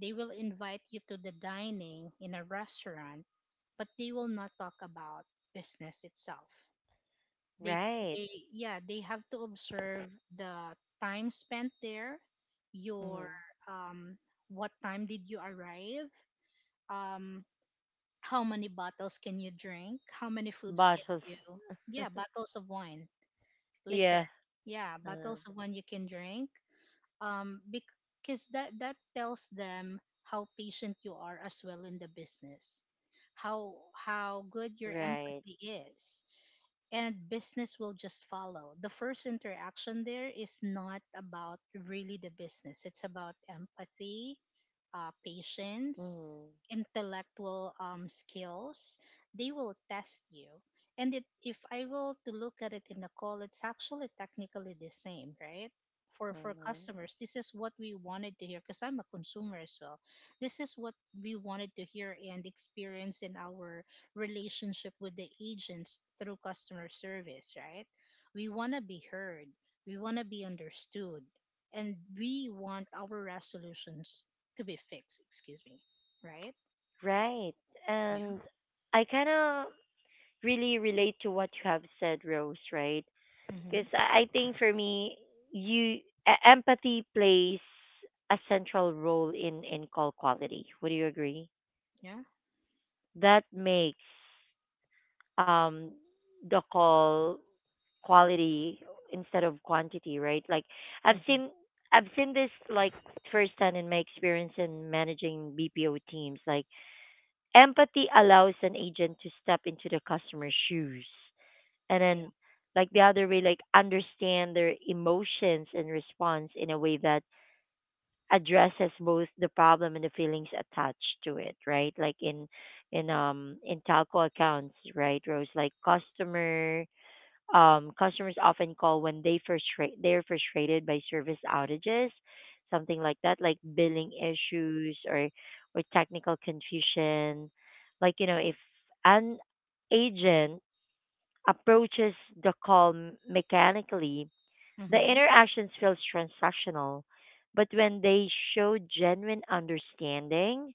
They will invite you to the dining in a restaurant, but they will not talk about business itself. They Right. they yeah, they have to observe the time spent there, Mhm. your um what time did you arrive, um how many bottles can you drink, how many foods can Bottles. you, yeah, *laughs* bottles of wine, liquor, yeah. yeah, Uh, bottles of wine you can drink. Um, because that, that tells them how patient you are as well in the business, how good your right. empathy is. And business will just follow. The first interaction there is not about really the business, it's about empathy, patience, Mhm. intellectual skills. They will test you. And it, if I will to look at it in the call, it's actually technically the same, right? For Mhm. customers, this is what we wanted to hear, because I'm a consumer as well. This is what we wanted to hear and experience in our relationship with the agents through customer service, right? We want to be heard. We want to be understood and we want our resolutions to be fixed, excuse me, right? Right. Yeah. And I kind of really relate to what you have said, Rose. Right. Mm-hmm. Because I think for me, you e- empathy plays a central role in call quality. Would you agree? Yeah. That makes um the call quality instead of quantity, right? Like I've Mm-hmm. seen I've seen this like firsthand in my experience in managing BPO teams. Like empathy allows an agent to step into the customer's shoes and Yeah. then like the other way, like understand their emotions and response in a way that addresses both the problem and the feelings attached to it, right? Like in in telco accounts, right, Rose? Like customers often call when they're frustrated by service outages, something like that, like billing issues or technical confusion. Like you know, if an agent approaches the call mechanically the Mm-hmm. interactions feels transactional, but when they show genuine understanding,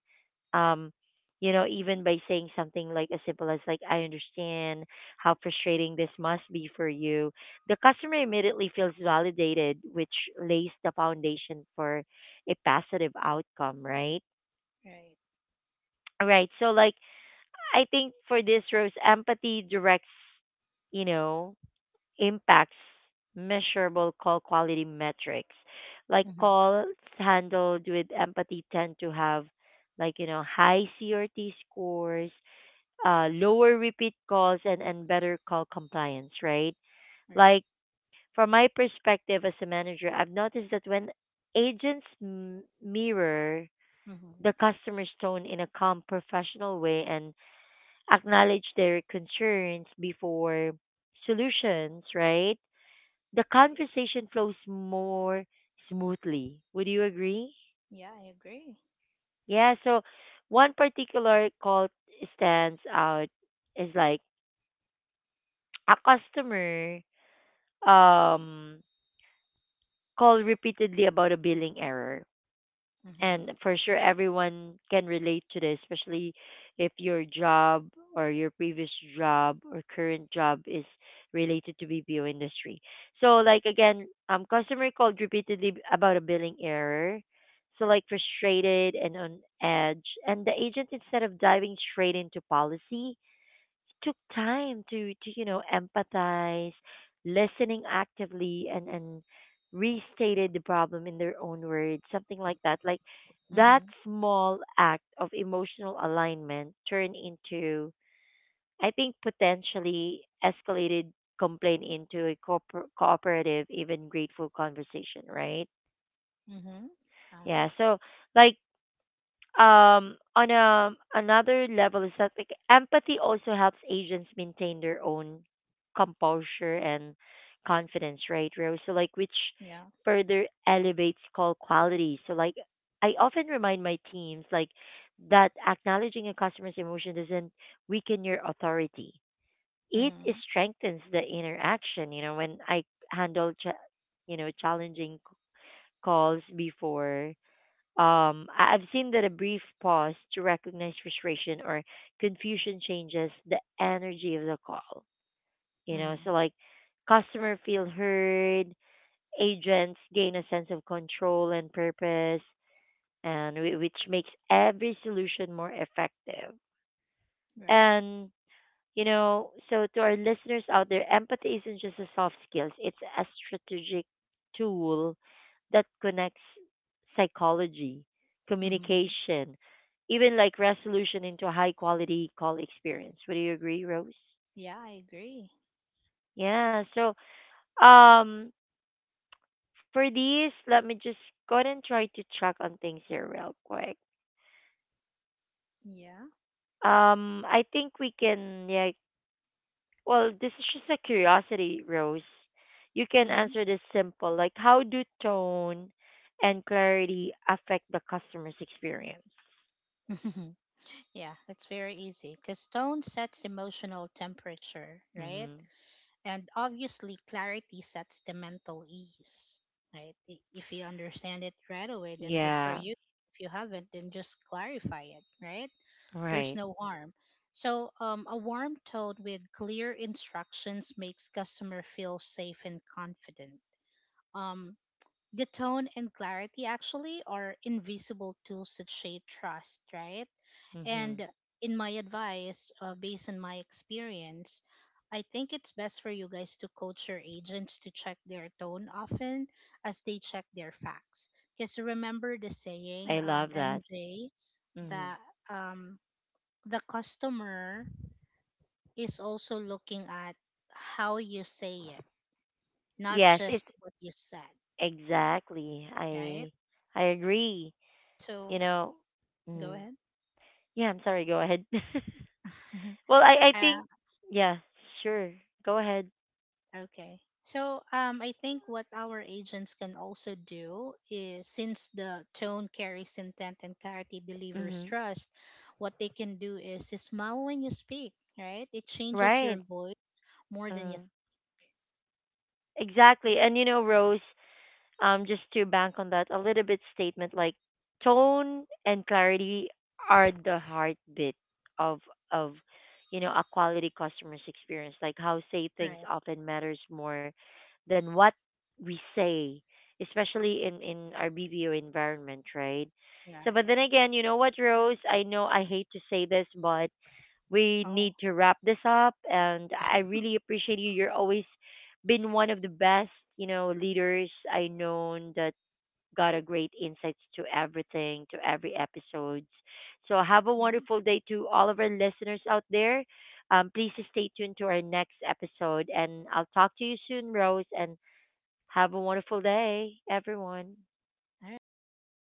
um, you know, even by saying something like as simple as like, "I understand how frustrating this must be for you," the customer immediately feels validated, which lays the foundation for a positive outcome, right? Right. Right. So like, I think for this, Rose, empathy directs, you know, impacts measurable call quality metrics. Like Mm-hmm. calls handled with empathy tend to have like you know high CRT scores, lower repeat calls, and better call compliance. Right? Right. Like from my perspective as a manager, I've noticed that when mirror Mm-hmm. the customer's tone in a calm, professional way and acknowledge their concerns before solutions, right? The Right. conversation flows more smoothly. Would you agree? Yeah, I agree. Yeah, so one particular call stands out is like a customer um called repeatedly about a billing error, Mm-hmm. and for sure everyone can relate to this especially if your job or your previous job or current job is related to BPO industry. So like again customer called repeatedly about a billing error, so like frustrated and on edge, and the agent instead of diving straight into policy took time to, you know, empathize, listening actively, and restated the problem in their own words, something like that. Like that Mm-hmm. small act of emotional alignment turned into, I think, potentially escalated complaint into a cooperative, even grateful conversation, right? Mm-hmm. Yeah. Yeah. So, like, on a another level is that like empathy also helps agents maintain their own composure and confidence, right Rose? So like which Yeah. further elevates call quality. So like I often remind my teams like that acknowledging a customer's emotion doesn't weaken your authority, it Mm-hmm. strengthens the interaction. You know, when I handle cha- you know challenging calls before, I've seen that a brief pause to recognize frustration or confusion changes the energy of the call. You know, Mm-hmm. so like customer feel heard, agents gain a sense of control and purpose, and which makes every solution more effective. Right. And you know, so to our listeners out there, empathy isn't just a soft skills, it's a strategic tool that connects psychology, Mm-hmm. communication, even like resolution into a high quality call experience. Would you agree, Rose? Yeah, I agree. Yeah. So um for these, let me just go ahead and try to check on things here real quick. Yeah. I think we can, yeah. Well, this is just a curiosity, Rose. You can Mm-hmm. answer this simple, like how do tone and clarity affect the customer's experience? *laughs* yeah, it's very easy because tone sets emotional temperature, right? Hmm. And obviously, clarity sets the mental ease, right? If you understand it right away, then good for Yeah, you. If you haven't, then just clarify it, right? There's right. no harm. So, a warm tone with clear instructions makes customer feel safe and confident. Um, the tone and clarity actually are invisible tools that shape trust, right? Hmm. And in my advice, based on my experience, I think it's best for you guys to coach your agents to check their tone often as they check their facts. Because remember the saying, I love that. MJ, Hmm. that um, the customer is also looking at how you say it, not Yes, it's just what you said, exactly. right? I agree. You So know, go mm. ahead. Yeah. I'm sorry. Go ahead. *laughs* *laughs* well, I Uh, think yeah, sure. Go ahead. okay. So I think what our agents can also do is, since the tone carries intent and clarity delivers Hmm. trust, what they can do is smile when you speak, right? It changes Right. your voice more than Uh, you. exactly. And you know, Rose, just to bank on that a little bit statement like tone and clarity are the heartbeat of of you know a quality customer's experience. Like how say things Right. often matters more than what we say, especially in our BBO environment, right? So but Right. then again, you know what, Rose, I know I hate to say this but we Oh, need to wrap this up. And I really appreciate you. You're always been one of the best, you know, leaders I known that got a great insights to everything, to every episodes. So have a yeah. wonderful day to all of our listeners out there. Please stay tuned to our next episode, and I'll talk to you soon, Rose. And have a wonderful day, everyone. All right. Thank you.